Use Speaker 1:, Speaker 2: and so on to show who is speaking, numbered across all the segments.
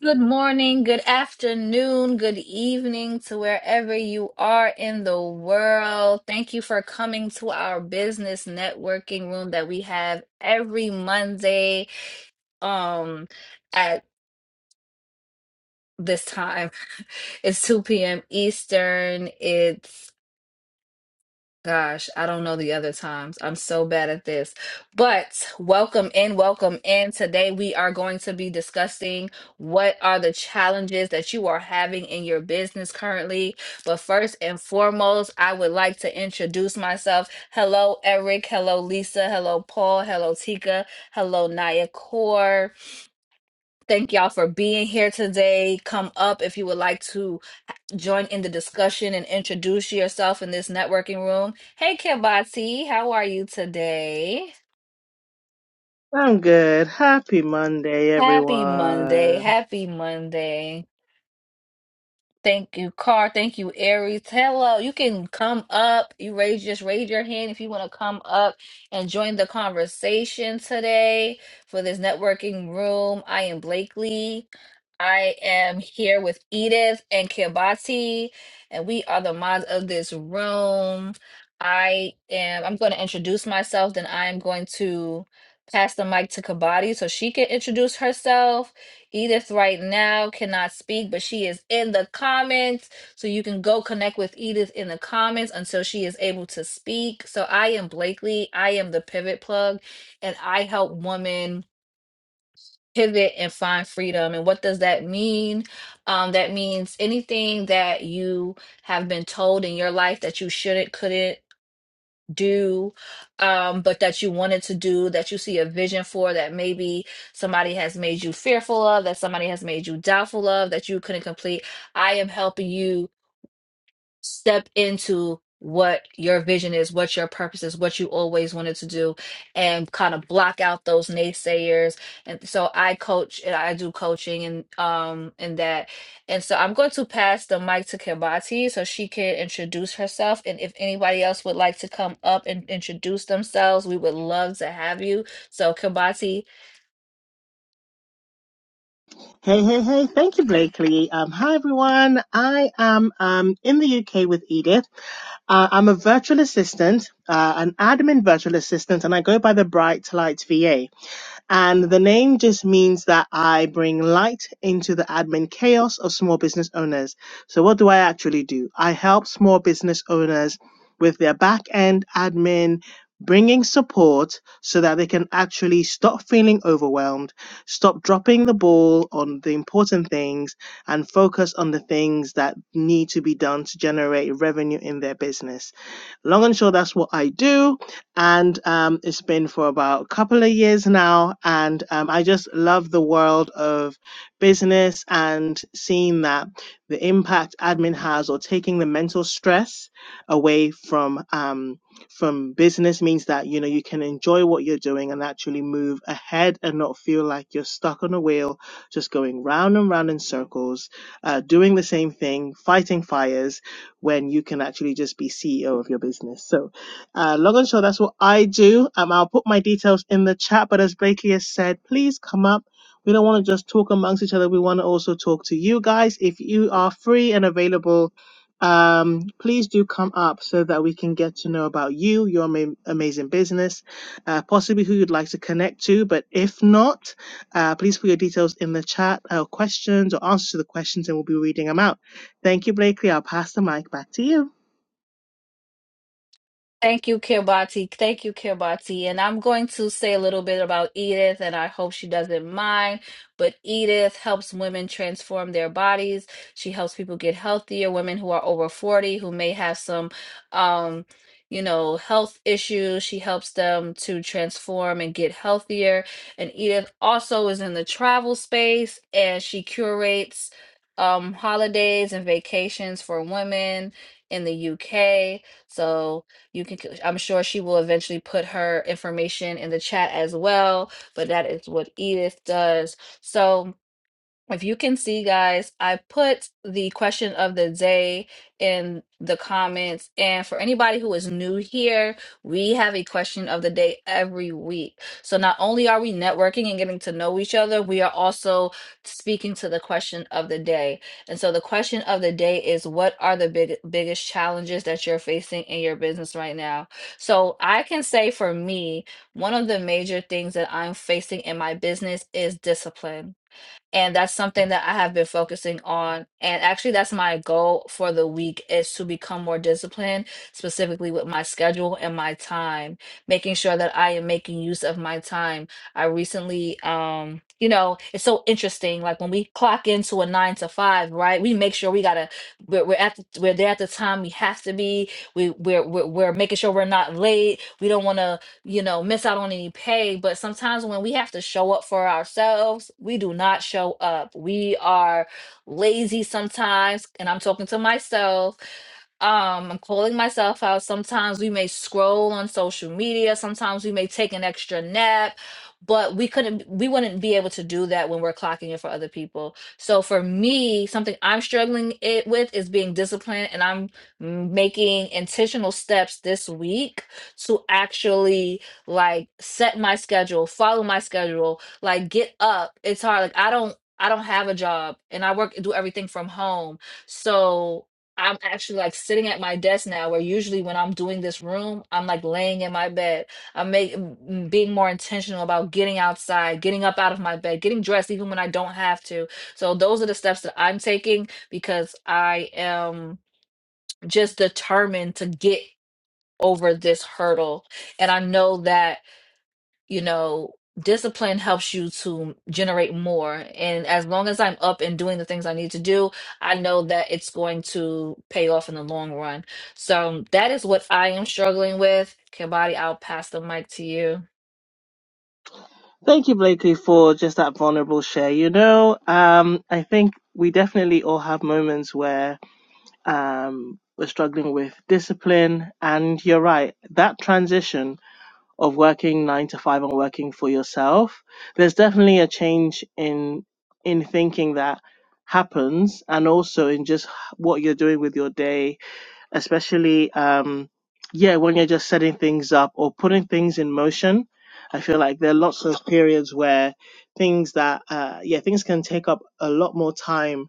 Speaker 1: Good morning, good afternoon, good evening to wherever you are in the world. Thank you for coming to our business networking room that we have every Monday um at this time. It's 2 p.m. Eastern. It's Gosh, I don't know the other times. I'm so bad at this. But welcome in, welcome in. Today we are going to be discussing what are the challenges that you are having in your business currently. But first and foremost, I would like to introduce myself. Hello, Eric. Hello, Lisa. Hello, Paul. Hello, Tika. Hello, Naya Core. Thank y'all for being here today. Come up if you would like to join in the discussion and introduce yourself in this networking room. Hey, Kibati, how are you today?
Speaker 2: I'm good. Happy Monday,
Speaker 1: Happy Monday.
Speaker 2: everyone.
Speaker 1: Happy Monday. Thank you, Car. Thank you, Aries. Hello. You can come up. You raise just raise your hand if you want to come up and join the conversation today for this networking room. I am Blakely. I am here with Edith and Kibati, and we are the mods of this room. I am I'm going to introduce myself, then I am going to pass the mic to Kabati so she can introduce herself Edith right now cannot speak, but she is in the comments. So you can go connect with Edith in the comments until she is able to speak. So I am Blakely. I am the pivot plug, and I help women pivot and find freedom. And what does that mean? Um, that means anything that you have been told in your life that you shouldn't, couldn't, do, um, but that you wanted to do, that you see a vision for, that maybe somebody has made you fearful of, that somebody has made you doubtful of, that you couldn't complete. I am helping you step into what your vision is, what your purpose is, what you always wanted to do, and kind of block out those naysayers. And so I coach and I do coaching and um and that. And so I'm going to pass the mic to Kibati so she can introduce herself. And if anybody else would like to come up and introduce themselves, we would love to have you. So Kibati,
Speaker 2: Hey, hey, hey. Thank you, Blakely. Um, hi, everyone. I am um, in the UK with Edith. Uh, I'm a virtual assistant, uh, an admin virtual assistant, and I go by the Bright Light VA. And the name just means that I bring light into the admin chaos of small business owners. So, what do I actually do? I help small business owners with their back end admin, bringing support so that they can actually stop feeling overwhelmed, stop dropping the ball on the important things, and focus on the things that need to be done to generate revenue in their business long and short, that's what I do. And um, it's been for about a couple of years now. And um, I just love the world of business and seeing that the impact admin has or taking the mental stress away from um, from business means that you know you can enjoy what you're doing and actually move ahead and not feel like you're stuck on a wheel just going round and round in circles uh, doing the same thing fighting fires when you can actually just be CEO of your business. So, uh, long and short, that's what I do. Um, I'll put my details in the chat, but as Blakely has said, please come up. We don't want to just talk amongst each other. We want to also talk to you guys. If you are free and available, um, please do come up so that we can get to know about you, your ama- amazing business, uh, possibly who you'd like to connect to. But if not, uh, please put your details in the chat, uh, questions or answers to the questions, and we'll be reading them out. Thank you, Blakely. I'll pass the mic back to you.
Speaker 1: Thank you, Kirbati. Thank you, Kirbati. And I'm going to say a little bit about Edith, and I hope she doesn't mind. But Edith helps women transform their bodies. She helps people get healthier, women who are over 40 who may have some um, you know, health issues. She helps them to transform and get healthier. And Edith also is in the travel space and she curates um holidays and vacations for women in the UK. So you can, c- I'm sure she will eventually put her information in the chat as well, but that is what Edith does. So, if you can see, guys, I put the question of the day in the comments. And for anybody who is new here, we have a question of the day every week. So not only are we networking and getting to know each other, we are also speaking to the question of the day. And so the question of the day is what are the big, biggest challenges that you're facing in your business right now? So I can say for me, one of the major things that I'm facing in my business is discipline and that's something that I have been focusing on. And actually, that's my goal for the week is to become more disciplined, specifically with my schedule and my time, making sure that I am making use of my time. I recently, um, you know, it's so interesting. Like when we clock into a nine to five, right? We make sure we gotta we're, we're at the, we're there at the time we have to be. We we're we're, we're making sure we're not late. We don't want to you know, miss out on any pay. But sometimes when we have to show up for ourselves, we do not show up. We are lazy sometimes. And I'm talking to myself um, I'm calling myself out. Sometimes we may scroll on social media, sometimes we may take an extra nap, but we couldn't we wouldn't be able to do that when we're clocking it for other people. So for me, something I'm struggling it with is being disciplined and I'm m- making intentional steps this week to actually like set my schedule, follow my schedule, like get up. It's hard. Like I don't I don't have a job and I work do everything from home. So I'm actually like sitting at my desk now, where usually when I'm doing this room, I'm like laying in my bed. I'm making being more intentional about getting outside, getting up out of my bed, getting dressed, even when I don't have to. So those are the steps that I'm taking because I am just determined to get over this hurdle. And I know that you know, discipline helps you to generate more. And as long as I'm up and doing the things I need to do, I know that it's going to pay off in the long run. So that is what I am struggling with. Kibati, I'll pass the mic to you.
Speaker 2: Thank you, Blakely, for just that vulnerable share. You know, um, I think we definitely all have moments where um, we're struggling with discipline, and you're right. That transition of working nine to five and working for yourself, there's definitely a change in in thinking that happens and also in just what you're doing with your day especially um yeah when you're just setting things up or putting things in motion i feel like there are lots of periods where things that uh yeah things can take up a lot more time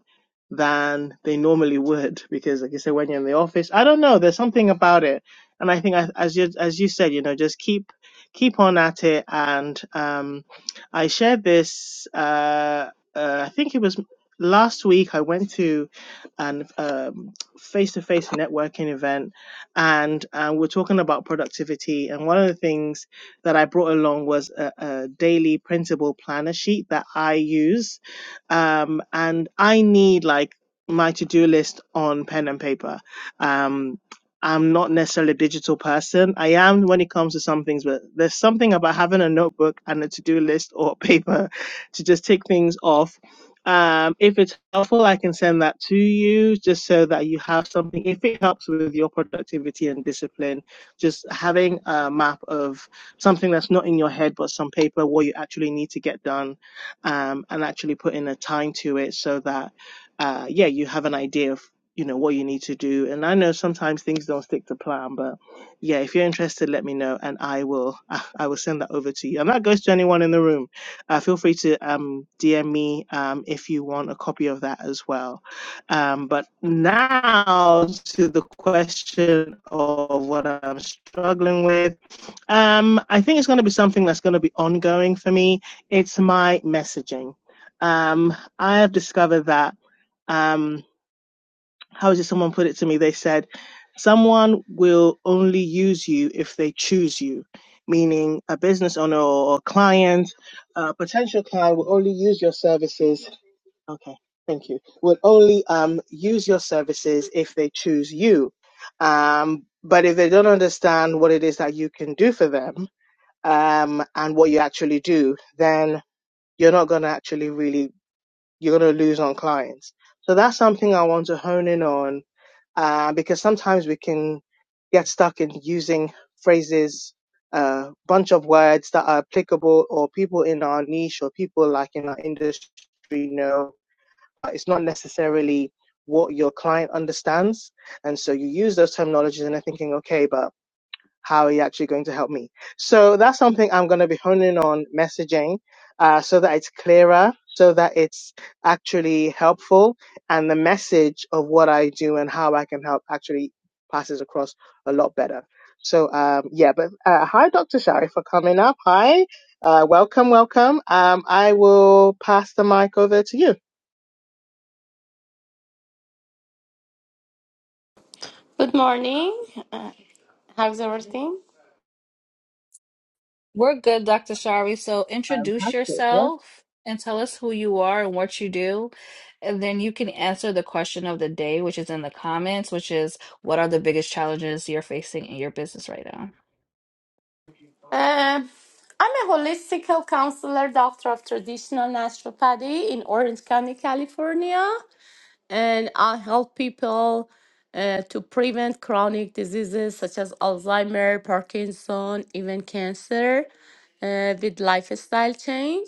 Speaker 2: than they normally would because like you said when you're in the office i don't know there's something about it and i think I, as you as you said you know just keep keep on at it and um i shared this uh, uh i think it was last week i went to and face-to-face networking event and um, we're talking about productivity and one of the things that i brought along was a, a daily printable planner sheet that i use um, and i need like my to-do list on pen and paper um, i'm not necessarily a digital person i am when it comes to some things but there's something about having a notebook and a to-do list or paper to just tick things off um, if it's helpful, I can send that to you just so that you have something. If it helps with your productivity and discipline, just having a map of something that's not in your head but some paper what you actually need to get done, um, and actually put in a time to it so that, uh, yeah, you have an idea of you know what you need to do. And I know sometimes things don't stick to plan, but yeah, if you're interested, let me know and I will I will send that over to you. And that goes to anyone in the room uh, feel free to um, DM me um, if you want a copy of that as well. Um, but now to the question of what I'm struggling with. Um, I think it's going to be something that's going to be ongoing for me. It's my messaging. Um, I have discovered that. Um, how did someone put it to me? They said, someone will only use you if they choose you, meaning a business owner or a client, a potential client will only use your services. Okay, thank you. Will only um, use your services if they choose you. Um, but if they don't understand what it is that you can do for them um, and what you actually do, then you're not going to actually really, you're going to lose on clients. So that's something I want to hone in on uh, because sometimes we can get stuck in using phrases, a uh, bunch of words that are applicable or people in our niche or people like in our industry know. It's not necessarily what your client understands. And so you use those terminologies and they're thinking, okay, but how are you actually going to help me? So that's something I'm going to be honing on messaging uh, so that it's clearer, so that it's actually helpful, and the message of what I do and how I can help actually passes across a lot better. So um, yeah, but uh, hi, Dr. Shari, for coming up. Hi, uh, welcome, welcome. Um, I will pass the mic over to you.
Speaker 3: Good morning. Uh, how's everything?
Speaker 1: We're good, Dr. Shari. So introduce
Speaker 2: Fantastic. Yeah.
Speaker 1: yourself and tell us who you are and what you do. And then you can answer the question of the day, which is in the comments, which is what are the biggest challenges you're facing in your business right now?
Speaker 3: Uh, I'm a holistic health counselor, doctor of traditional naturopathy in Orange County, California, and I help people uh, to prevent chronic diseases such as Alzheimer, Parkinson, even cancer uh, with lifestyle change.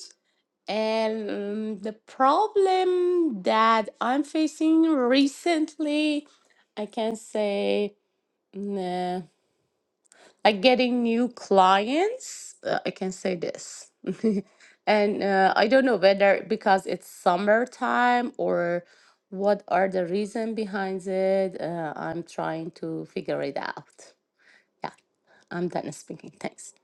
Speaker 3: And um, the problem that I'm facing recently, I can say. mm, uh, like getting new clients uh, i can say this and uh, i don't know whether because it's summertime or what are the reason behind it uh, i'm trying to figure it out yeah i'm done speaking thanks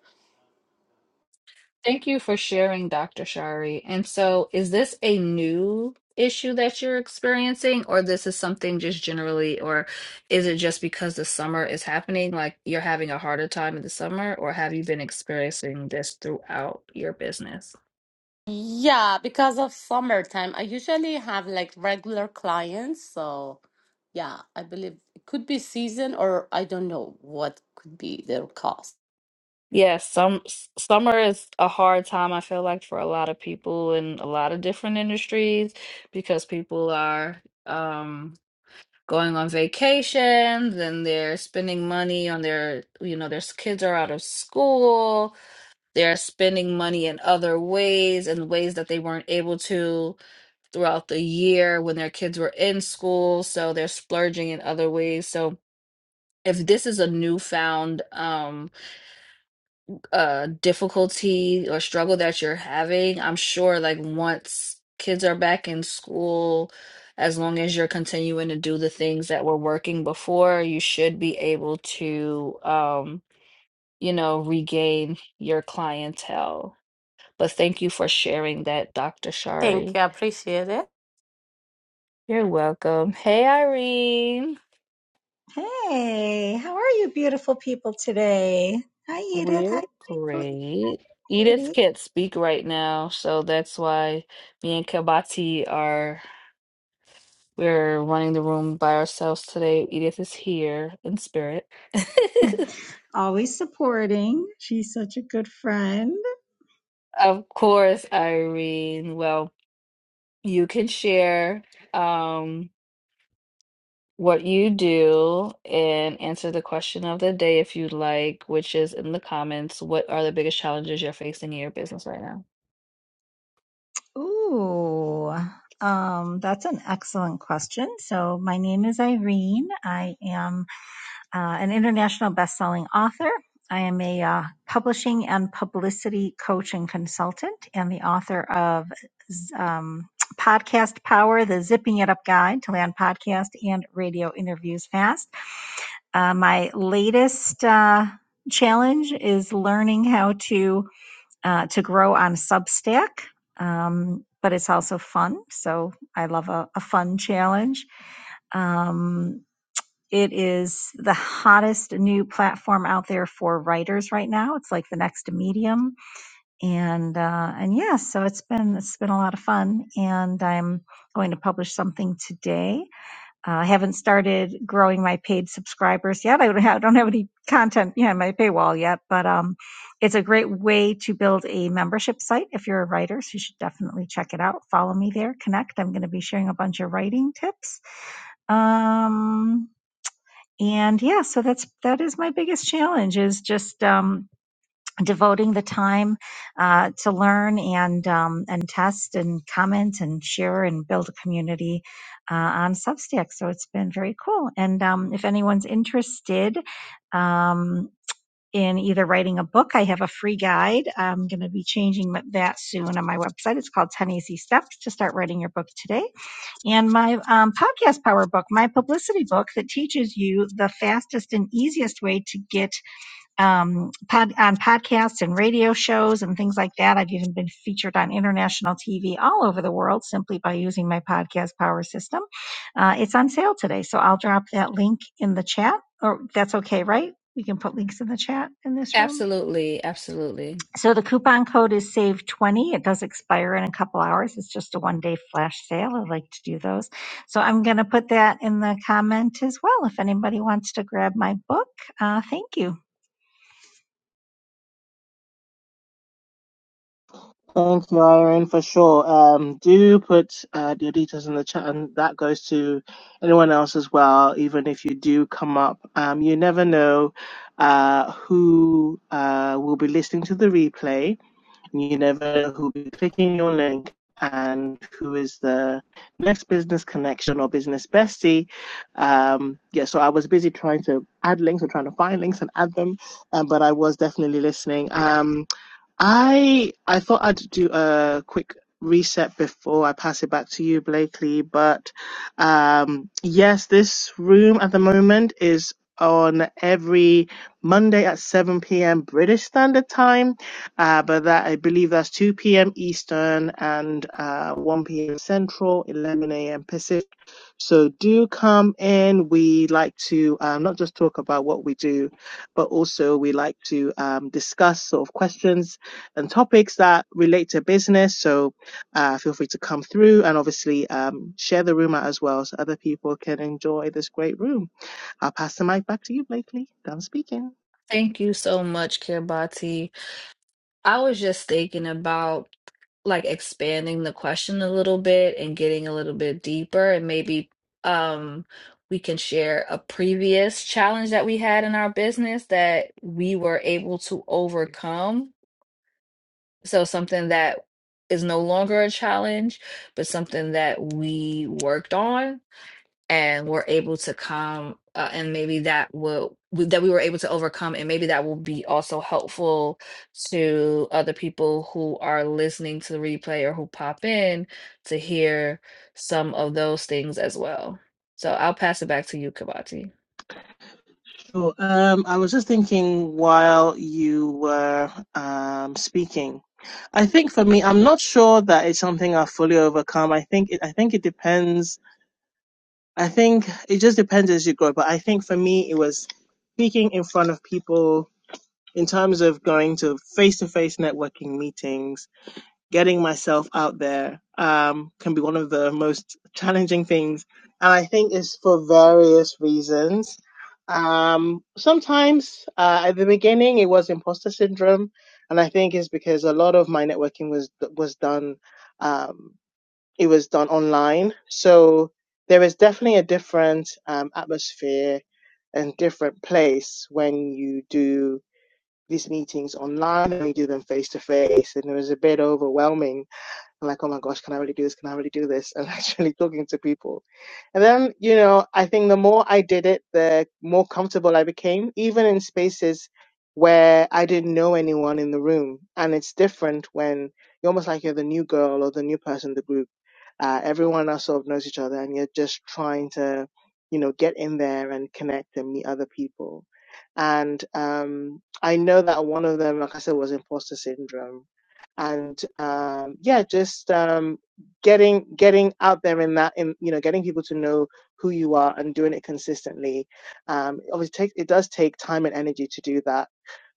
Speaker 1: Thank you for sharing, Dr. Shari. And so, is this a new issue that you're experiencing, or this is something just generally, or is it just because the summer is happening, like you're having a harder time in the summer, or have you been experiencing this throughout your business?
Speaker 3: yeah because of summertime i usually have like regular clients so yeah i believe it could be season or i don't know what could be their cost
Speaker 1: Yes, some s- summer is a hard time, I feel like, for a lot of people in a lot of different industries because people are. um going on vacations and they're spending money on their, you know, their s- kids are out of school. They're spending money in other ways and ways that they weren't able to throughout the year when their kids were in school. So they're splurging in other ways. So if this is a newfound, um uh difficulty or struggle that you're having, I'm sure like once kids are back in school, as long as you're continuing to do the things that were working before, you should be able to um, you know, regain your clientele. But thank you for sharing that, Dr.
Speaker 3: thank
Speaker 1: Shari.
Speaker 3: you I appreciate it
Speaker 1: You're welcome. Hey, Irene.
Speaker 4: Hey, how are you, beautiful people, today? Hi, Edith.
Speaker 1: We're
Speaker 4: Hi,
Speaker 1: great. Edith
Speaker 4: Glee.
Speaker 1: can't speak right now, so that's why me and Kabati are We're running the room by ourselves today. Edith is here in spirit.
Speaker 4: Always supporting. She's such a good friend.
Speaker 1: Of course, Irene. Well, you can share um, what you do and answer the question of the day if you'd like, which is in the comments. What are the biggest challenges you're facing in your business right now?
Speaker 4: Ooh, um, that's an excellent question. So, my name is Irene. I am uh, an international best-selling author. I am a uh, publishing and publicity coach and consultant, and the author of um, Podcast Power: The Zipping It Up Guide to Land Podcast and Radio Interviews Fast. Uh, my latest uh, challenge is learning how to uh, to grow on Substack, um, but it's also fun. So I love a, a fun challenge. Um, it is the hottest new platform out there for writers right now. It's like the next medium, and uh, and yeah, so it's been it's been a lot of fun, and I'm going to publish something today. Uh, I haven't started growing my paid subscribers yet. I don't have, don't have any content behind my paywall yet, but um, it's a great way to build a membership site if you're a writer. So you should definitely check it out. Follow me there, connect. I'm going to be sharing a bunch of writing tips. Um, and yeah so that's that is my biggest challenge is just um devoting the time uh, to learn and um, and test and comment and share and build a community uh, on substack so it's been very cool and um, if anyone's interested um, in either writing a book i have a free guide i'm going to be changing that soon on my website it's called 10 easy steps to start writing your book today and my um, podcast power book, my publicity book that teaches you the fastest and easiest way to get um, pod, on podcasts and radio shows and things like that. I've even been featured on international TV all over the world simply by using my podcast power system. Uh, it's on sale today, so I'll drop that link in the chat. Or that's okay, right? We can put links in the chat in this room.
Speaker 1: Absolutely, absolutely.
Speaker 4: So the coupon code is save twenty. It does expire in a couple hours. It's just a one day flash sale. I like to do those. So I'm going to put that in the comment as well. If anybody wants to grab my book, uh, thank you.
Speaker 2: Thanks, Myron, for sure. Um, do put uh, your details in the chat, and that goes to anyone else as well. Even if you do come up, um, you never know uh, who uh, will be listening to the replay. You never know who will be clicking your link and who is the next business connection or business bestie. Um, yeah, so I was busy trying to add links or trying to find links and add them, um, but I was definitely listening. Um, I I thought I'd do a quick reset before I pass it back to you, Blakely. But um, yes, this room at the moment is on every Monday at 7 p.m. British Standard Time. Uh, but that I believe that's 2 p.m. Eastern and uh, 1 p.m. Central, 11 a.m. Pacific. So do come in. We like to um, not just talk about what we do, but also we like to um, discuss sort of questions and topics that relate to business. So uh, feel free to come through and obviously um, share the room out as well so other people can enjoy this great room. I'll pass the mic back to you, Blakely. Done speaking.
Speaker 1: Thank you so much, Kirbati. I was just thinking about. like expanding the question a little bit and getting a little bit deeper and maybe um we can share a previous challenge that we had in our business that we were able to overcome. So something that is no longer a challenge, but something that we worked on and were able to come uh, and maybe that will that we were able to overcome and maybe that will be also helpful to other people who are listening to the replay or who pop in to hear some of those things as well so i'll pass it back to you kabati
Speaker 2: Sure. Um, I was just thinking while you were um, speaking. I think for me, I'm not sure that it's something I've fully overcome. I think it, I think it depends I think it just depends as you grow. But I think for me, it was speaking in front of people in terms of going to face to face networking meetings, getting myself out there um, can be one of the most challenging things. And I think it's for various reasons. Um, sometimes uh, at the beginning, it was imposter syndrome. And I think it's because a lot of my networking was was done. um, it was done online. So there is definitely a different um, atmosphere and different place when you do these meetings online and you do them face to face. And it was a bit overwhelming I'm like, oh my gosh, can I really do this? Can I really do this? And actually talking to people. And then, you know, I think the more I did it, the more comfortable I became, even in spaces where I didn't know anyone in the room. And it's different when you're almost like you're the new girl or the new person in the group. Uh, everyone else sort of knows each other and you're just trying to, you know, get in there and connect and meet other people. And um, I know that one of them, like I said, was imposter syndrome and um, yeah, just um, getting getting out there in that in you know getting people to know who you are and doing it consistently. Um, obviously, take, it does take time and energy to do that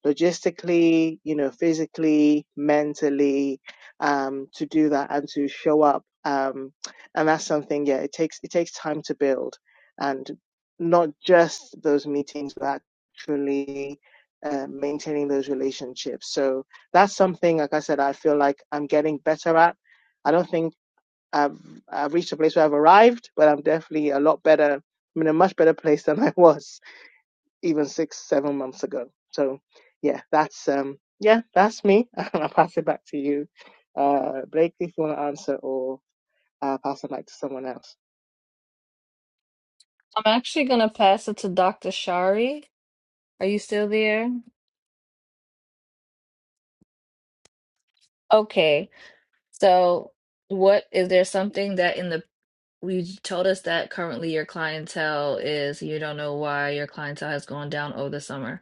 Speaker 2: logistically, you know, physically, mentally, um, to do that and to show up. Um, and that's something, yeah, it takes, it takes time to build and not just those meetings, but actually, uh, maintaining those relationships. So, that's something like i said i feel like i'm getting better at i don't think i've i've reached a place where i've arrived but i'm definitely a lot better i'm in a much better place than i was even six seven months ago so yeah that's um yeah that's me i'll pass it back to you uh blake if you want to answer or uh, pass it back to someone else
Speaker 1: i'm actually going to pass it to dr shari are you still there okay so what is there something that in the you told us that currently your clientele is, you don't know why your clientele has gone down over the summer.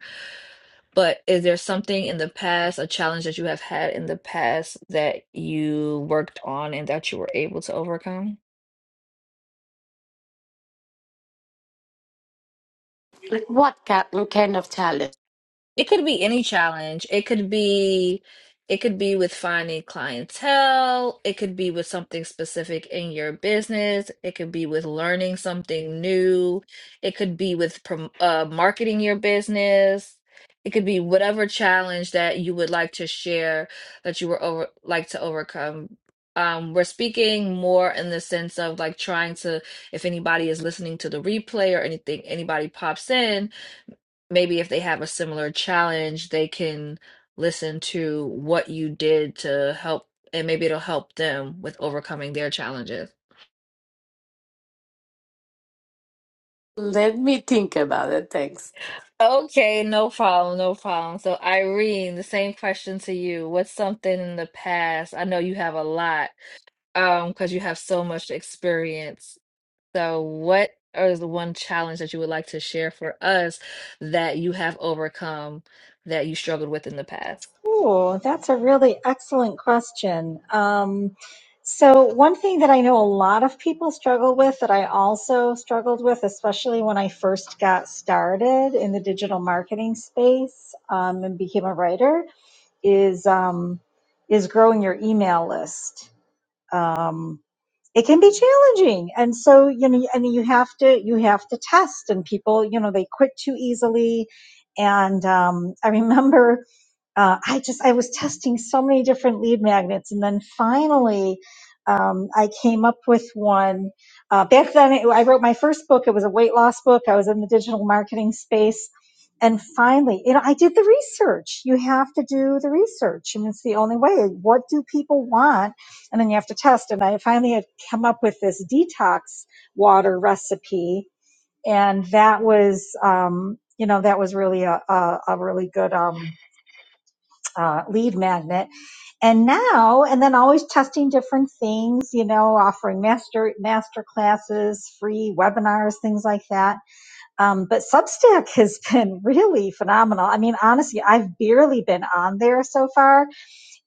Speaker 1: But is there something in the past, a challenge that you have had in the past that you worked on and that you were able to overcome?
Speaker 3: Like what ki- kind of challenge?
Speaker 1: It could be any challenge. It could be it could be with finding clientele. It could be with something specific in your business. It could be with learning something new. It could be with prom uh, marketing your business. It could be whatever challenge that you would like to share that you were over like to overcome. Um, we're speaking more in the sense of like trying to, if anybody is listening to the replay or anything, anybody pops in maybe if they have a similar challenge, they can listen to what you did to help, and maybe it'll help them with overcoming their challenges.
Speaker 3: Let me think about it. Thanks.
Speaker 1: Okay, no problem, no problem. So, Irene, the same question to you. What's something in the past? I know you have a lot, um, because you have so much experience. So, what is the one challenge that you would like to share for us that you have overcome that you struggled with in the past?
Speaker 4: Oh, that's a really excellent question. Um, so, one thing that I know a lot of people struggle with that I also struggled with, especially when I first got started in the digital marketing space um, and became a writer, is um, is growing your email list. Um, it can be challenging, and so you know, and you have to you have to test. And people, you know, they quit too easily. And um, I remember uh, I just I was testing so many different lead magnets, and then finally, um, I came up with one. Uh, back then, it, I wrote my first book. It was a weight loss book. I was in the digital marketing space, and finally, you know, I did the research. You have to do the research, and it's the only way. What do people want? And then you have to test. And I finally had come up with this detox water recipe, and that was. Um, you know that was really a, a, a really good um, uh, lead magnet and now and then always testing different things you know offering master master classes free webinars things like that um, but substack has been really phenomenal i mean honestly i've barely been on there so far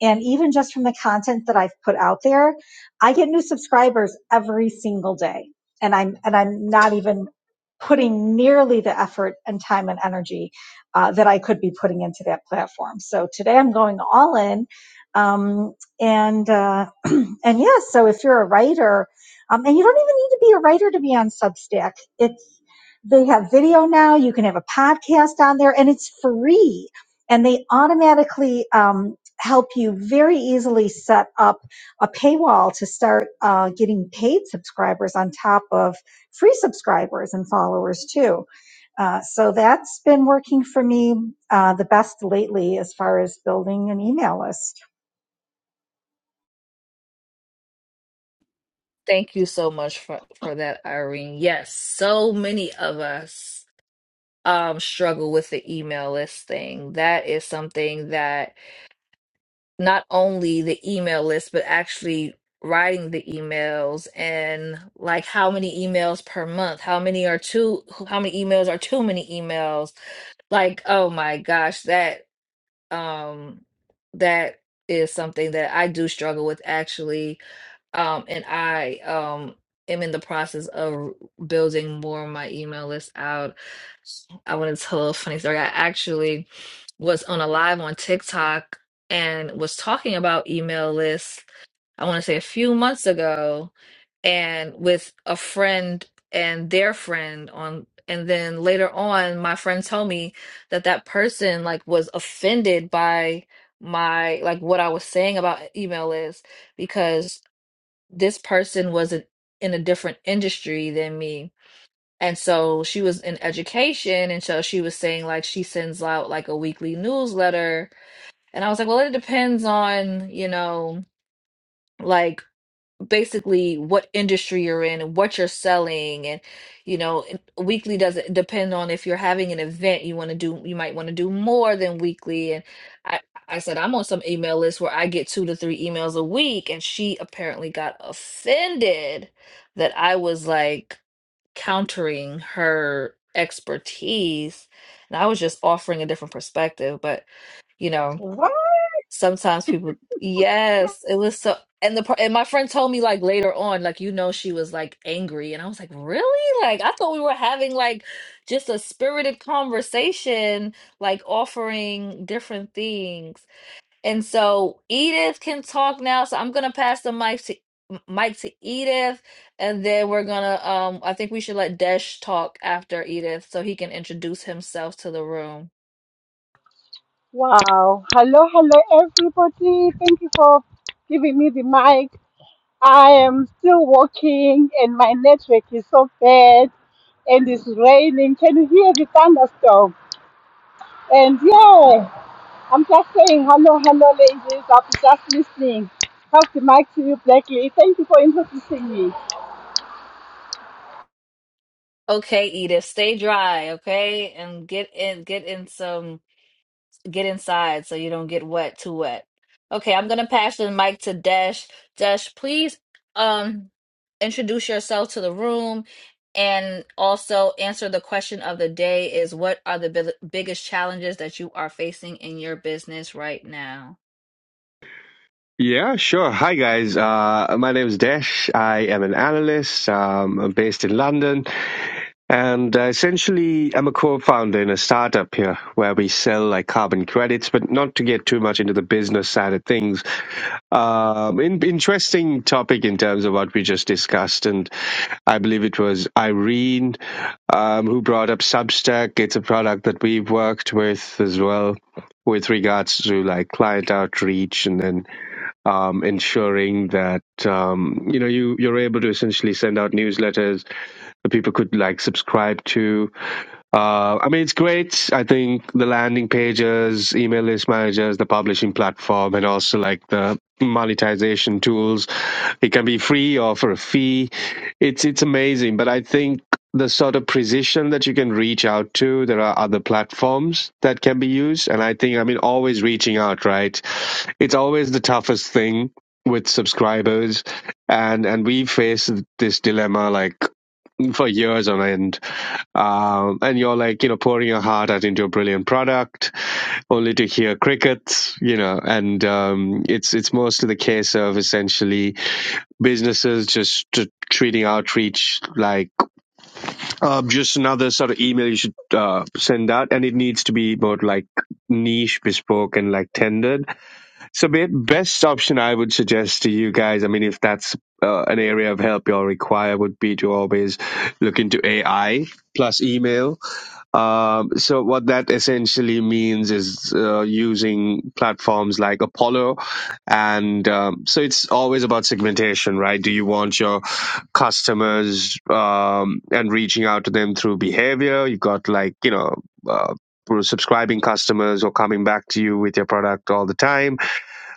Speaker 4: and even just from the content that I've put out there, I get new subscribers every single day. And I'm, and I'm not even putting nearly the effort and time and energy uh, that I could be putting into that platform. So today I'm going all in. Um, and, uh, and yeah, so if you're a writer, um, and you don't even need to be a writer to be on Substack. it they have video now. You can have a podcast on there, and it's free. And they automatically um, help you very easily set up a paywall to start uh, getting paid subscribers on top of free subscribers and followers too. Uh, so that's been working for me uh, the best lately as far as building an email list.
Speaker 1: Thank you so much for for that, Irene. Yes, so many of us um struggle with the email list thing. That is something that not only the email list, but actually writing the emails and like how many emails per month, how many are too, how many emails are too many emails. Like, oh my gosh, that um that is something that I do struggle with actually um, and I um am in the process of building more of my email list out. I want to tell a funny story. I actually was on a live on TikTok and was talking about email lists, I want to say a few months ago, and with a friend and their friend on and then later on my friend told me that that person like was offended by my like what I was saying about email lists this person was not in a different industry than me. And so she was in education. And so she was saying, like, she sends out like a weekly newsletter. And I was like, well, it depends on, you know, like basically what industry you're in and what you're selling and you know and weekly doesn't depend on if you're having an event you want to do you might want to do more than weekly and I I said I'm on some email list where I get two to three emails a week and she apparently got offended that I was like countering her expertise and I was just offering a different perspective but you know
Speaker 4: What
Speaker 1: Sometimes people, yes, it was so. And the par- and my friend told me like later on, like you know, she was like angry, and I was like, really? Like I thought we were having like just a spirited conversation, like offering different things. And so Edith can talk now, so I'm gonna pass the mic to m- mic to Edith, and then we're gonna um I think we should let Desh talk after Edith so he can introduce himself to the room.
Speaker 5: Wow. Hello, hello, everybody. Thank you for giving me the mic. I am still walking and my network is so bad and it's raining. Can you hear the thunderstorm? And yeah, I'm just saying hello, hello, ladies. I was just listening. Pass the mic to you, Blackie. Thank you for introducing me.
Speaker 1: Okay, Edith, stay dry, okay? And get in get in some get inside so you don't get wet too wet. Okay, I'm gonna pass the mic to Dash. Dash, please um introduce yourself to the room and also answer the question of the day is what are the bi biggest challenges that you are facing in your business right now?
Speaker 6: Yeah, sure. Hi, guys. Uh, my name is Desh. I am an analyst. Um, I'm based in London. And uh, essentially, I'm a co-founder in a startup here where we sell like carbon credits, but not to get too much into the business side of things. Um, in, interesting topic in terms of what we just discussed, and I believe it was Irene um, who brought up Substack. It's a product that we've worked with as well with regards to like client outreach and then um, ensuring that um, you know you you're able to essentially send out newsletters that people could like subscribe to. Uh, I mean, it's great. I think the landing pages, email list managers, the publishing platform, and also like the monetization tools. It can be free or for a fee. It's it's amazing. But I think the sort of precision that you can reach out to. There are other platforms that can be used. And I think, I mean, always reaching out, right? It's always the toughest thing with subscribers. And, and we face this dilemma like for years on end. Um, and you're like, you know, pouring your heart out into a brilliant product only to hear crickets, you know, and, um, it's, it's mostly the case of essentially businesses just t- treating outreach like, um, just another sort of email you should uh, send out, and it needs to be about like niche, bespoke, and like tendered. So, be- best option I would suggest to you guys, I mean, if that's uh, an area of help you all require, would be to always look into AI plus email um, so what that essentially means is uh, using platforms like Apollo, and um, so it's always about segmentation, right? Do you want your customers um, and reaching out to them through behavior? You've got like you know. Uh, for subscribing customers or coming back to you with your product all the time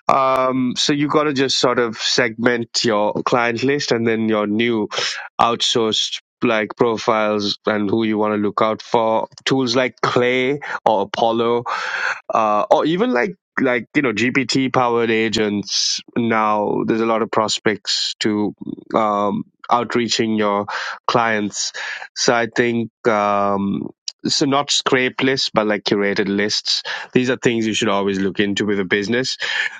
Speaker 6: um, so you got to just sort of segment your client list and then your new outsourced like profiles and who you want to look out for. Tools like Clay or Apollo, uh, or even like like you know GPT powered agents. Now there's a lot of prospects to um, outreaching your clients. So I think. Um, so not scrape lists, but like curated lists. These are things you should always look into with a business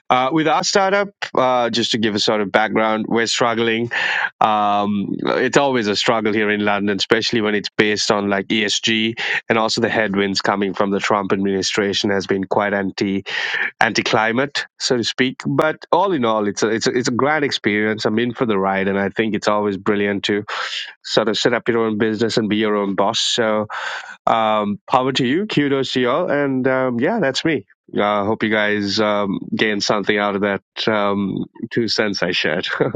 Speaker 6: uh, with our startup, uh, just to give a sort of background, we're struggling. Um, it's always a struggle here in London, especially when it's based on like ESG and also the headwinds coming from the Trump administration has been quite anti anti-climate, so to speak. But all in all, it's a, it's a, it's a grand experience. I'm in for the ride, and I think it's always brilliant to sort of set up your own business and be your own boss. So um, power to you, kudos to you all, and um, yeah, that's me. uh, hope you guys um, gain something out of that um, two cents I shared.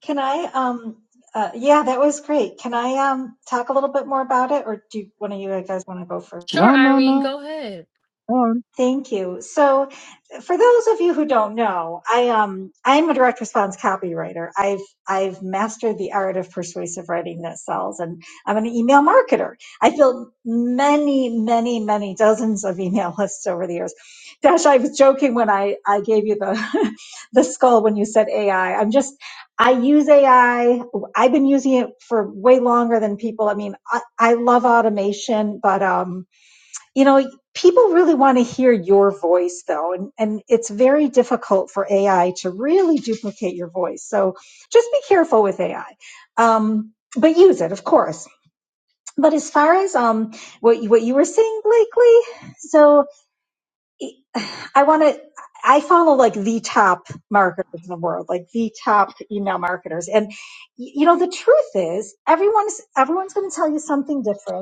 Speaker 4: can I? Um, uh, yeah, that was great. Can I um, talk a little bit more about it, or do one of you guys want to go first?
Speaker 1: Sure,
Speaker 2: No, no,
Speaker 1: Irene,
Speaker 2: no.
Speaker 1: go ahead.
Speaker 2: Go on.
Speaker 4: Thank you. So, for those of you who don't know, I um I'm a direct response copywriter. I've I've mastered the art of persuasive writing that sells, and I'm an email marketer. I built many, many, many dozens of email lists over the years. Dash, I was joking when I I gave you the the skull when you said AI. I'm just I use AI. I've been using it for way longer than people. I mean, I, I love automation, but um you know people really want to hear your voice though and, and it's very difficult for ai to really duplicate your voice so just be careful with ai um, but use it of course but as far as um, what, you- what you were saying blakely so e, i want to i follow like the top marketers in the world like the top email marketers and y- you know the truth is everyone's everyone's going to tell you something different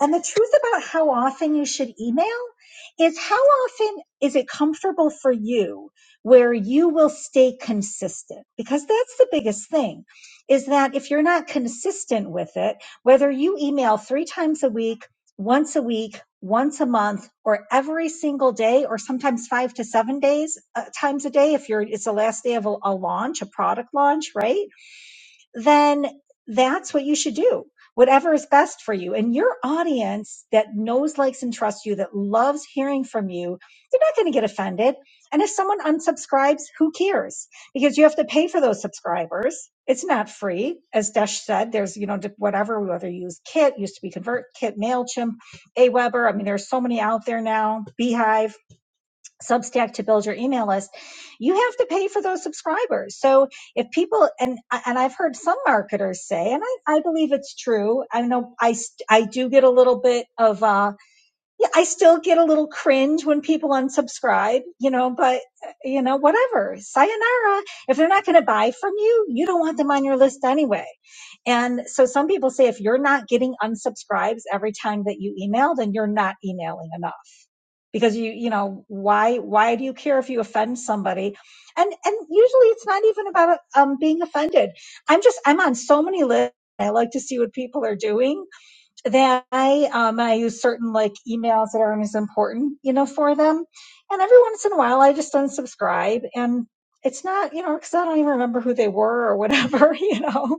Speaker 4: and the truth about how often you should email is how often is it comfortable for you where you will stay consistent? Because that's the biggest thing is that if you're not consistent with it, whether you email three times a week, once a week, once a month, or every single day, or sometimes five to seven days uh, times a day, if you're it's the last day of a a launch, a product launch, right? then that's what you should do. Whatever is best for you. And your audience that knows, likes, and trusts you, that loves hearing from you, they're not going to get offended. And if someone unsubscribes, who cares? Because you have to pay for those subscribers. It's not free. As Desh said, there's, you know, whatever, whether you use Kit, used to be ConvertKit, MailChimp, AWeber. I mean, there's so many out there now, Beehive Substack to build your email list, you have to pay for those subscribers. So if people and and I've heard some marketers say, and I, I believe it's true. I know I I do get a little bit of uh yeah I still get a little cringe when people unsubscribe, you know. But uh, you know whatever, sayonara. If they're not going to buy from you, you don't want them on your list anyway. And so some people say if you're not getting unsubscribes every time that you email, then you're not emailing enough because you you know why why do you care if you offend somebody and and usually it's not even about um, being offended i'm just i'm on so many lists i like to see what people are doing that i um i use certain like emails that are as important you know for them and every once in a while i just unsubscribe and it's not you know because i don't even remember who they were or whatever you know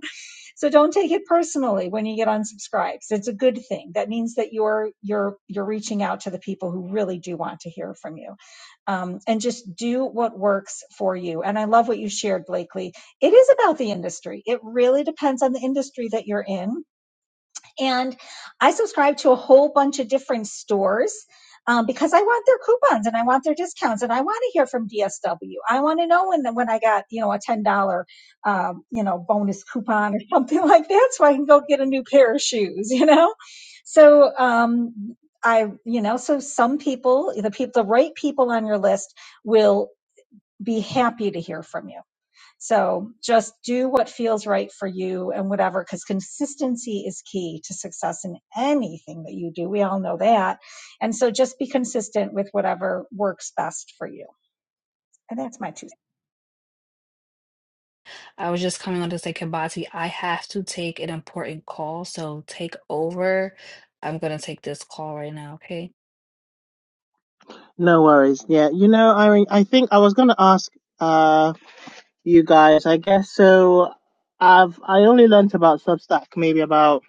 Speaker 4: so don't take it personally when you get unsubscribes. It's a good thing. That means that you're you're you're reaching out to the people who really do want to hear from you. Um, and just do what works for you. And I love what you shared, Blakely. It is about the industry. It really depends on the industry that you're in and I subscribe to a whole bunch of different stores um, because I want their coupons and I want their discounts and I want to hear from DSW. I want to know when the, when I got you know a ten dollar um, you know bonus coupon or something like that, so I can go get a new pair of shoes. You know, so um, I you know so some people the people the right people on your list will be happy to hear from you so just do what feels right for you and whatever, because consistency is key to success in anything that you do. We all know that. And so just be consistent with whatever works best for you. And that's my two. cents.
Speaker 1: I was just coming on to say, Kimbati, I have to take an important call, so take over. I'm gonna take this call right now, okay?
Speaker 2: No worries. Yeah, you know, I mean, I think I was gonna ask. uh, you guys. I guess so. I've I only learnt about Substack maybe about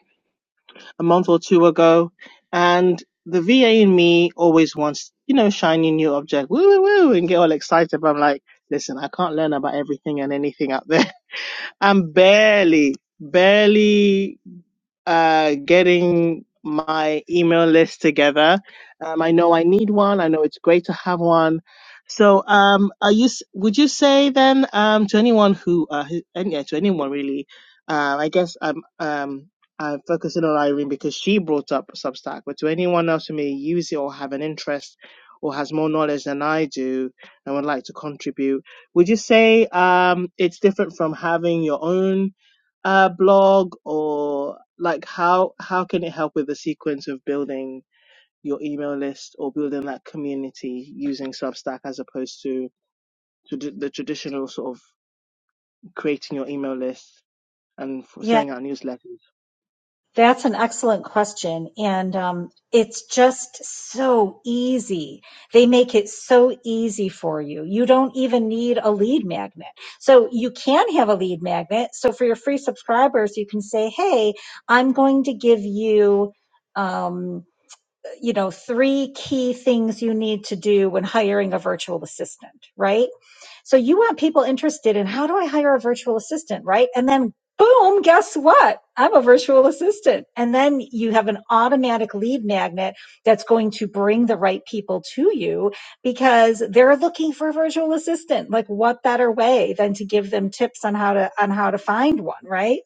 Speaker 2: a month or two ago, and the VA in me always wants you know shiny new object, woo woo woo, and get all excited. But I'm like, listen, I can't learn about everything and anything out there. I'm barely, barely uh, getting my email list together. Um, I know I need one. I know it's great to have one. So, um, are you? s- Would you say then um, to anyone who, uh, who and yeah, to anyone really? Uh, I guess I'm um, I'm focusing on Irene because she brought up Substack, but to anyone else who may use it or have an interest or has more knowledge than I do and would like to contribute, would you say um, it's different from having your own uh, blog or like how how can it help with the sequence of building your email list or building that community using Substack as opposed to to d- the traditional sort of creating your email list and for
Speaker 4: Yeah.
Speaker 2: sending out newsletters?
Speaker 4: That's an excellent question. And um, it's just so easy. They make it so easy for you. You don't even need a lead magnet. So you can have a lead magnet. So for your free subscribers, you can say, hey, I'm going to give you um you know three key things you need to do when hiring a virtual assistant right so you want people interested in how do I hire a virtual assistant, right? And then boom, guess what? I'm a virtual assistant. And then you have an automatic lead magnet that's going to bring the right people to you because they're looking for a virtual assistant. Like what better way than to give them tips on how to on how to find one, right?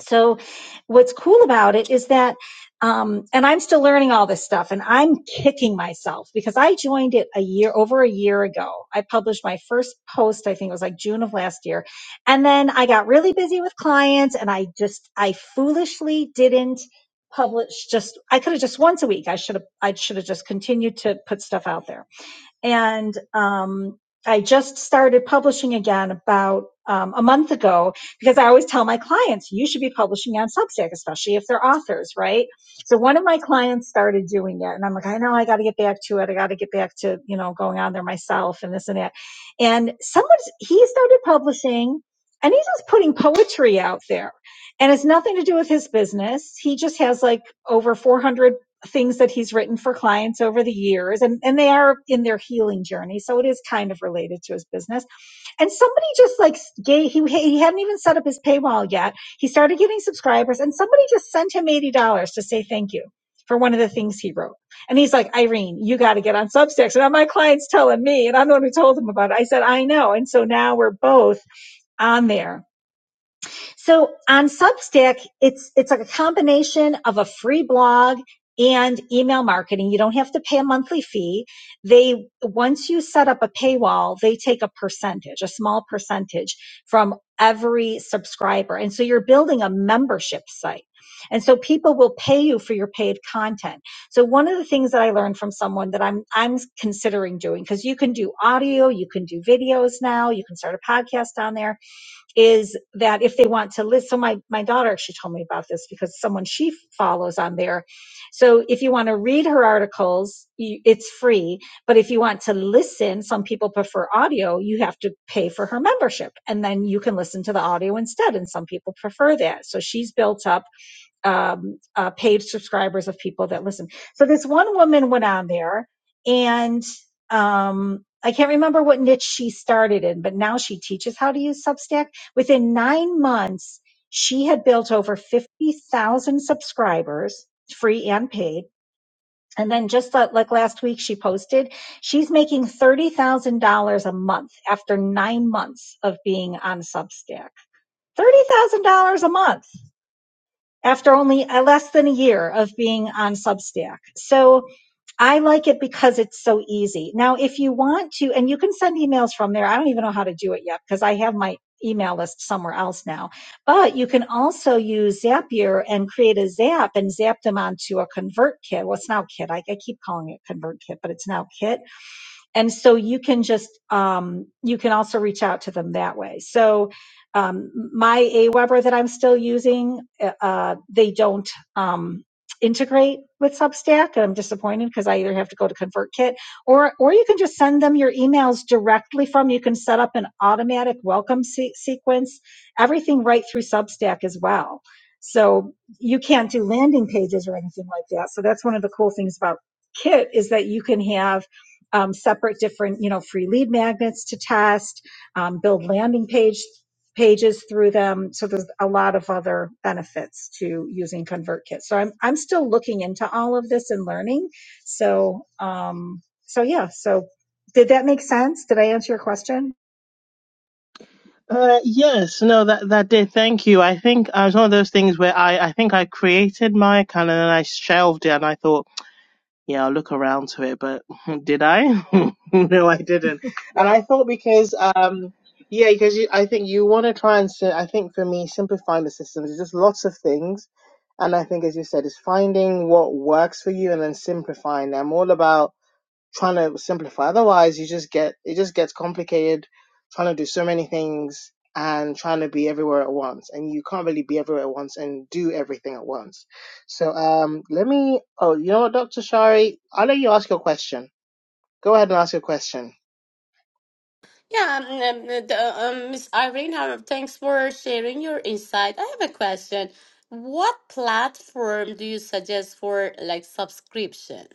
Speaker 4: So, what's cool about it is that, um, and I'm still learning all this stuff, and I'm kicking myself because I joined it a year over a year ago. I published my first post, I think it was like June of last year, and then I got really busy with clients, and I just I foolishly didn't publish just I could have just once a week. I should have I should have just continued to put stuff out there and um, I just started publishing again about um, a month ago because I always tell my clients you should be publishing on Substack, especially if they're authors, right? So one of my clients started doing it, and I'm like, I know I got to get back to it. I got to get back to you know going on there myself and this and that. And someone's he started publishing. And he's just putting poetry out there. And it's nothing to do with his business. He just has like over 400 things that he's written for clients over the years and, and they are in their healing journey so it is kind of related to his business and somebody just like gave he, he hadn't even set up his paywall yet he started getting subscribers and somebody just sent him $80 to say thank you for one of the things he wrote and he's like irene you got to get on substacks and my client's telling me and i'm the one who told him about it i said i know and so now we're both on there so on Substack, it's it's like a combination of a free blog and email marketing. You don't have to pay a monthly fee. They once you set up a paywall, they take a percentage, a small percentage from every subscriber. And so you're building a membership site. And so people will pay you for your paid content. So one of the things that I learned from someone that I'm I'm considering doing because you can do audio, you can do videos now, you can start a podcast on there is that if they want to list so my my daughter actually told me about this because someone she follows on there so if you want to read her articles you, it's free but if you want to listen some people prefer audio you have to pay for her membership and then you can listen to the audio instead and some people prefer that so she's built up um, uh, paid subscribers of people that listen. So this one woman went on there and um, I can't remember what niche she started in, but now she teaches how to use Substack. Within nine months, she had built over 50,000 subscribers, free and paid. And then just like like last week, she posted, she's making $30,000 a month after nine months of being on Substack. $30,000 a month after only uh, less than a year of being on Substack. So I like it because it's so easy. Now, if you want to, and you can send emails from there. I don't even know how to do it yet because I have my email list somewhere else now. But you can also use Zapier and create a Zap and zap them onto a ConvertKit. Well, it's now Kit. I, I keep calling it ConvertKit, but it's now Kit and so you can just um, you can also reach out to them that way so um, my aweber that i'm still using uh, uh, they don't um, integrate with substack and i'm disappointed because i either have to go to convertkit or or you can just send them your emails directly from you can set up an automatic welcome se- sequence everything right through substack as well so you can't do landing pages or anything like that so that's one of the cool things about kit is that you can have um, separate different, you know, free lead magnets to test, um, build landing page pages through them. So there's a lot of other benefits to using ConvertKit. So I'm I'm still looking into all of this and learning. So um, so yeah. So did that make sense? Did I answer your question?
Speaker 2: Uh, yes, no, that that did. Thank you. I think uh, it was one of those things where I I think I created my calendar and I shelved it and I thought. yeah, I'll look around to it, but did I? no, I didn't.
Speaker 4: Yeah.
Speaker 2: And I thought because, um, yeah, because you, I think you want to try and, si- I think for me, simplifying the systems is just lots of things. And I think, as you said, it's finding what works for you and then simplifying them. All about trying to simplify. Otherwise, you just get it just gets complicated trying to do so many things and trying to be everywhere at once, and you can't really be everywhere at once and do everything at once. So, um, let me. Oh, you know what, Doctor Shari, I'll let you ask your question. Go ahead and ask your question.
Speaker 3: Yeah, um, um, uh, the- um, Miss Irene, uh, thanks for sharing your insight. I have a question. What platform do you suggest for like subscription?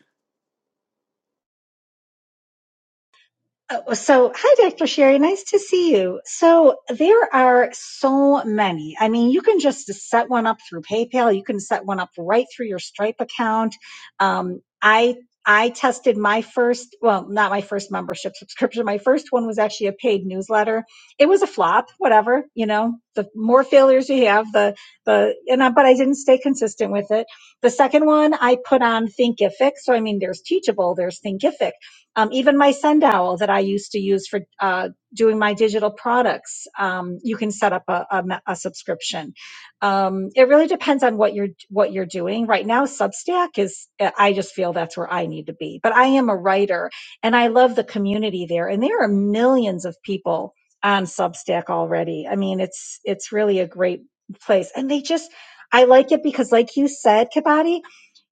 Speaker 4: Oh, So, hi, Dr. Sherry. Nice to see you. So, there are so many. I mean, you can just set one up through PayPal. You can set one up right through your Stripe account. Um, I I tested my first, well, not my first membership subscription. My first one was actually a paid newsletter. It was a flop, whatever. You know, the more failures you have, the the and I, but I didn't stay consistent with it. The second one I put on Thinkific. So, I mean, there's Teachable, there's Thinkific um, even my sundial that I used to use for uh, doing my digital products, um, you can set up a, a a subscription. Um, it really depends on what you're what you're doing. Right now, Substack is. uh, I just feel that's where I need to be. But I am a writer, and I love the community there. And there are millions of people on Substack already. I mean, it's it's really a great place, and they just. I like it because, like you said, Kabati,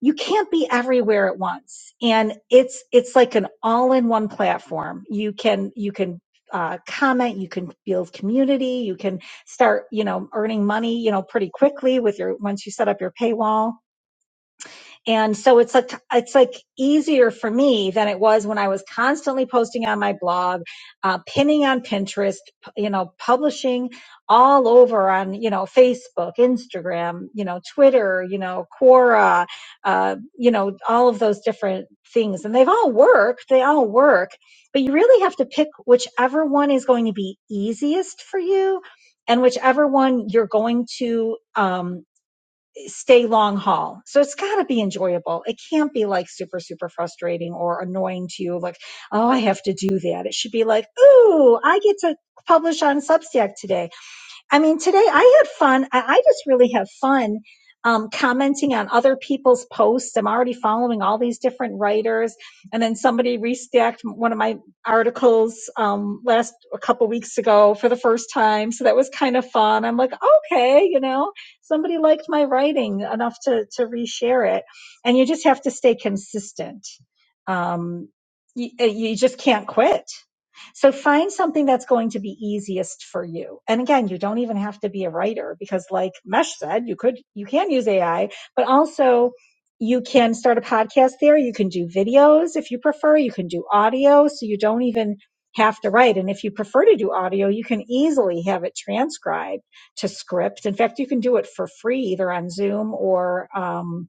Speaker 4: you can't be everywhere at once and it's it's like an all-in-one platform you can you can uh, comment you can build community you can start you know earning money you know pretty quickly with your once you set up your paywall and so it's like it's like easier for me than it was when I was constantly posting on my blog, uh, pinning on Pinterest, p- you know, publishing all over on you know Facebook, Instagram, you know, Twitter, you know, Quora, uh, you know, all of those different things, and they've all worked. They all work, but you really have to pick whichever one is going to be easiest for you, and whichever one you're going to. Um, stay long haul. So it's got to be enjoyable. It can't be like super, super frustrating or annoying to you. Like, oh, I have to do that. It should be like, ooh, I get to publish on Substack today I mean, today I had fun. I, I just really have fun um, commenting on other people's posts. I'm already following all these different writers, and then somebody restacked one of my articles um, last a couple weeks ago for the first time, so that was kind of fun. I'm like, okay, you know, somebody liked my writing enough to to reshare it, and you just have to stay consistent. Um, you, you just can't quit so find something that's going to be easiest for you. And again, you don't even have to be a writer because like Mesh said, you could, you can use AI, but also you can start a podcast there. You can do videos if you prefer. You can do audio. So you don't even have to write. And if you prefer to do audio, you can easily have it transcribed to script. In fact, you can do it for free either on Zoom or, um,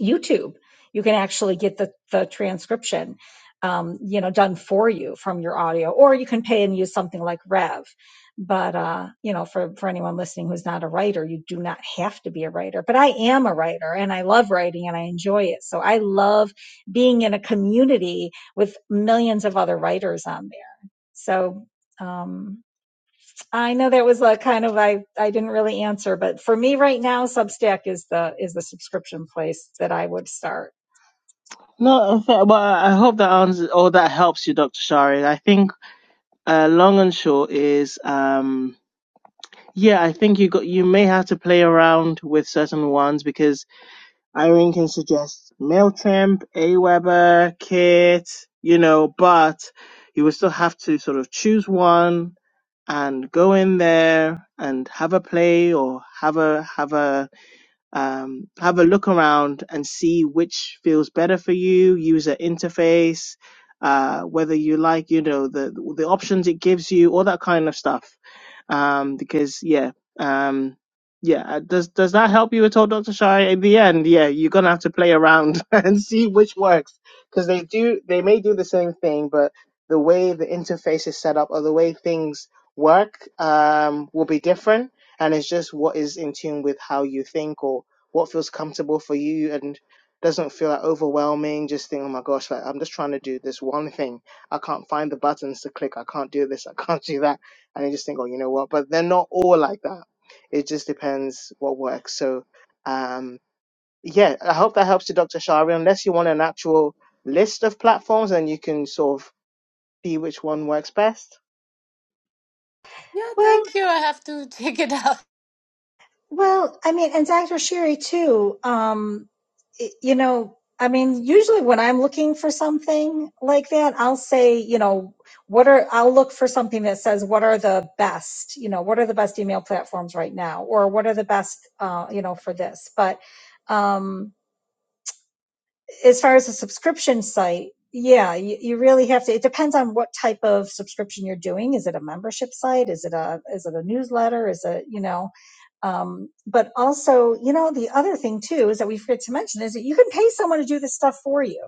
Speaker 4: YouTube. You can actually get the, the transcription, um, you know, done for you from your audio, or you can pay and use something like Rev. But, uh, you know, for, for anyone listening who's not a writer, you do not have to be a writer. But I am a writer and I love writing and I enjoy it. So I love being in a community with millions of other writers on there. So, um, I know that was a kind of I I didn't really answer, but for me right now, Substack is the is the subscription place that I would start.
Speaker 2: No, but I hope that answers or that helps you, Dr. Shari. I think uh, long and short is, um, yeah, I think you got you may have to play around with certain ones because Irene can suggest Mailchimp, Aweber, Kit, you know, but you will still have to sort of choose one and go in there and have a play or have a have a um, have a look around and see which feels better for you user interface uh, whether you like you know the the options it gives you all that kind of stuff um, because yeah um, yeah uh, does does that help you at all dr Shai? in the end yeah you're gonna have to play around and see which works because they do they may do the same thing but the way the interface is set up or the way things work um, will be different and it's just what is in tune with how you think or what feels comfortable for you and doesn't feel like overwhelming just think oh my gosh like i'm just trying to do this one thing i can't find the buttons to click i can't do this i can't do that and you just think oh you know what but they're not all like that it just depends what works so um yeah i hope that helps you dr shari unless you want an actual list of platforms and you can sort of see which one works best
Speaker 3: Yeah,
Speaker 4: Well,
Speaker 3: thank you. I have to check it out.
Speaker 4: Well, I mean, and Dr. Sherry too. Um, y- you know, I mean, usually when I'm looking for something like that, I'll say, you know, what are I'll look for something that says what are the best, you know, what are the best email platforms right now, or what are the best, uh, you know, for this. But um, as far as a subscription site, yeah, you, you really have to. It depends on what type of subscription you're doing. Is it a membership site? Is it a is it a newsletter? Is it you know? Um, but also, you know, the other thing too is that we forget to mention is that you can pay someone to do this stuff for you.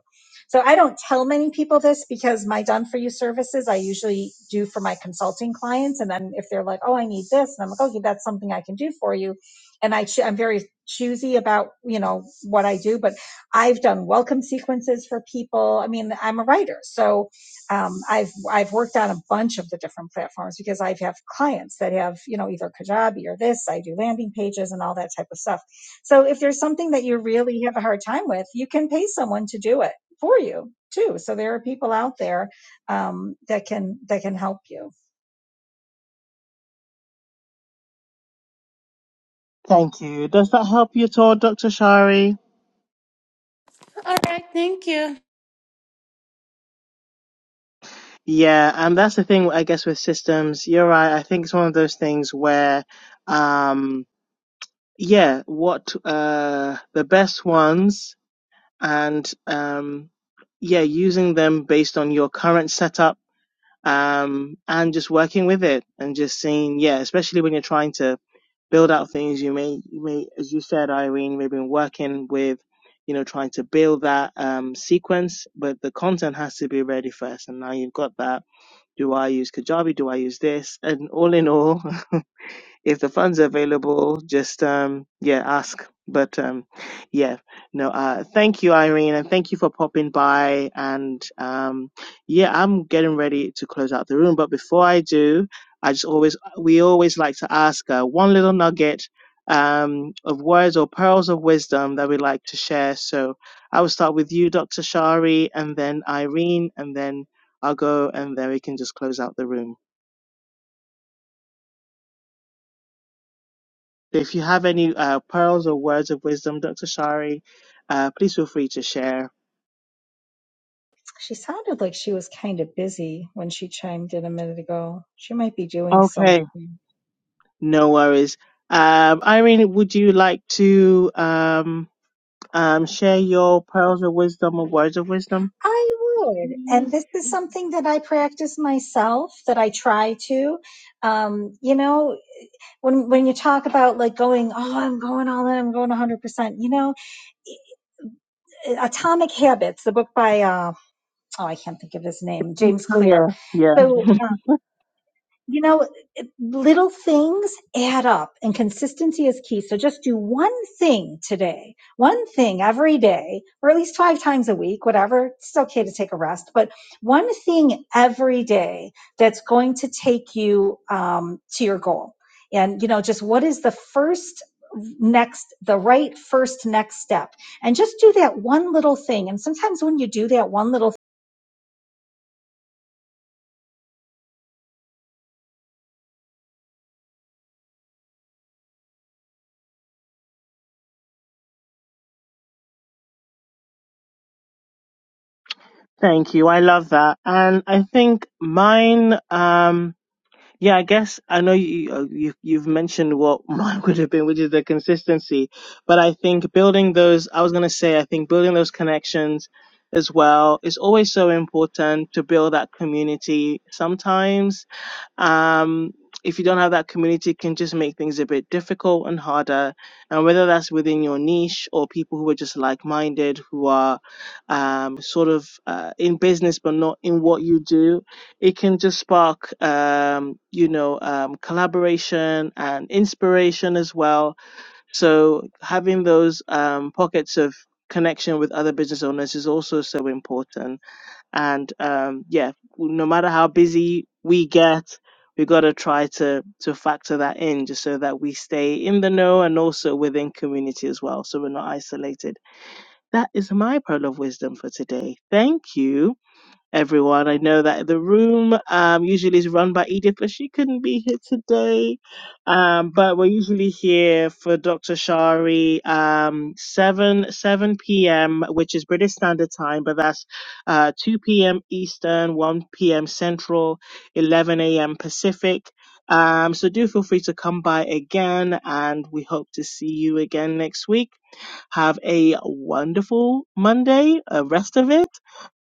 Speaker 4: So I don't tell many people this because my done for you services I usually do for my consulting clients, and then if they're like, "Oh, I need this," and I'm like, "Okay, that's something I can do for you," and I ch- I'm very choosy about you know what I do, but I've done welcome sequences for people. I mean, I'm a writer, so um, I've I've worked on a bunch of the different platforms because I have clients that have you know either Kajabi or this. I do landing pages and all that type of stuff. So if there's something that you really have a hard time with, you can pay someone to do it for you too. So there are people out there um, that can that can help you.
Speaker 2: Thank you. Does that help you at all, Dr. Shari?
Speaker 3: All right, thank you.
Speaker 2: Yeah, and that's the thing, I guess, with systems. You're right. I think it's one of those things where, um, yeah, what, uh, the best ones and, um, yeah, using them based on your current setup, um, and just working with it and just seeing, yeah, especially when you're trying to build out things. You may, you may, as you said, Irene, we've been working with, you know, trying to build that um, sequence, but the content has to be ready first. And now you've got that. Do I use Kajabi? Do I use this? And all in all, if the funds are available, just um, yeah, ask. But um, yeah, no, uh, thank you, Irene, and thank you for popping by. And um, yeah, I'm getting ready to close out the room. But before I do, I just always we always like to ask uh, one little nugget um, of words or pearls of wisdom that we like to share. So I will start with you, Dr. Shari, and then Irene, and then I'll go, and then we can just close out the room. If you have any uh, pearls or words of wisdom, Dr. Shari, uh, please feel free to share.
Speaker 4: She sounded like she was kind of busy when she chimed in a minute ago. She might be doing
Speaker 2: Okay.
Speaker 4: something.
Speaker 2: No worries. Um, Irene, would you like to um, um, share your pearls of wisdom or words of wisdom?
Speaker 4: I would. And
Speaker 2: Yes.
Speaker 4: this is something that I practice myself, that I try to. Um, you know, when when you talk about like going, oh, I'm going all in, I'm going 100%, you know, eh, Atomic Habits, the book by uh, oh, I can't think of his name, James
Speaker 2: Oh, yeah,
Speaker 4: Clear.
Speaker 2: yeah.
Speaker 4: So You know, it- little things add up and consistency is key. So just do one thing today, one thing every day, or at least five times a week, whatever. It's okay to take a rest, but one thing every day that's going to take you um, to your goal. And, you know, just what is the first next, the right first next step? And just do that one little thing. And sometimes when you do that one little
Speaker 2: Thank you. I love that. And I think mine. Um, Yeah, I guess I know you, uh, you you've mentioned what mine would have been, which is the consistency. But I think building those, I was gonna say, I think building those connections as well is always so important to build that community. Sometimes um, if you don't have that community, it can just make things a bit difficult and harder. And whether that's within your niche or people who are just like minded, who are um, sort of uh, in business but not in what you do, it can just spark, um, you know, um, collaboration and inspiration as well. So having those um, pockets of connection with other business owners is also so important and um, yeah, no matter how busy we get, we got to try to to factor that in just so that we stay in the know and also within community as well, so we're not isolated. That is my pearl of wisdom for today. Thank you everyone. I know that the room um, usually is run by Edith, but she couldn't be here today. Um, but we're usually here for Dr. Shari um, 7 7 p.m., which is British Standard Time, but that's uh, 2 p.m. Eastern, 1 p.m. Central, 11 a.m. Pacific. Um, so do feel free to come by again, and we hope to see you again next week. Have a wonderful Monday, uh, rest of it,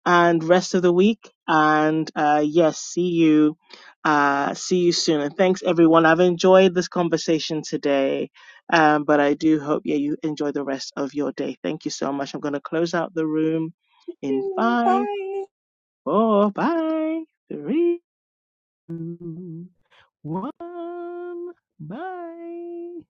Speaker 2: and rest of the week. And uh, yes, see you, uh, see you soon. And thanks everyone. I've enjoyed this conversation today, um, but I do hope yeah you enjoy the rest of your day. Thank you so much. I'm going to close out the room in
Speaker 4: thing,
Speaker 2: five,
Speaker 4: bye.
Speaker 2: four, five, three, two, one. Bye.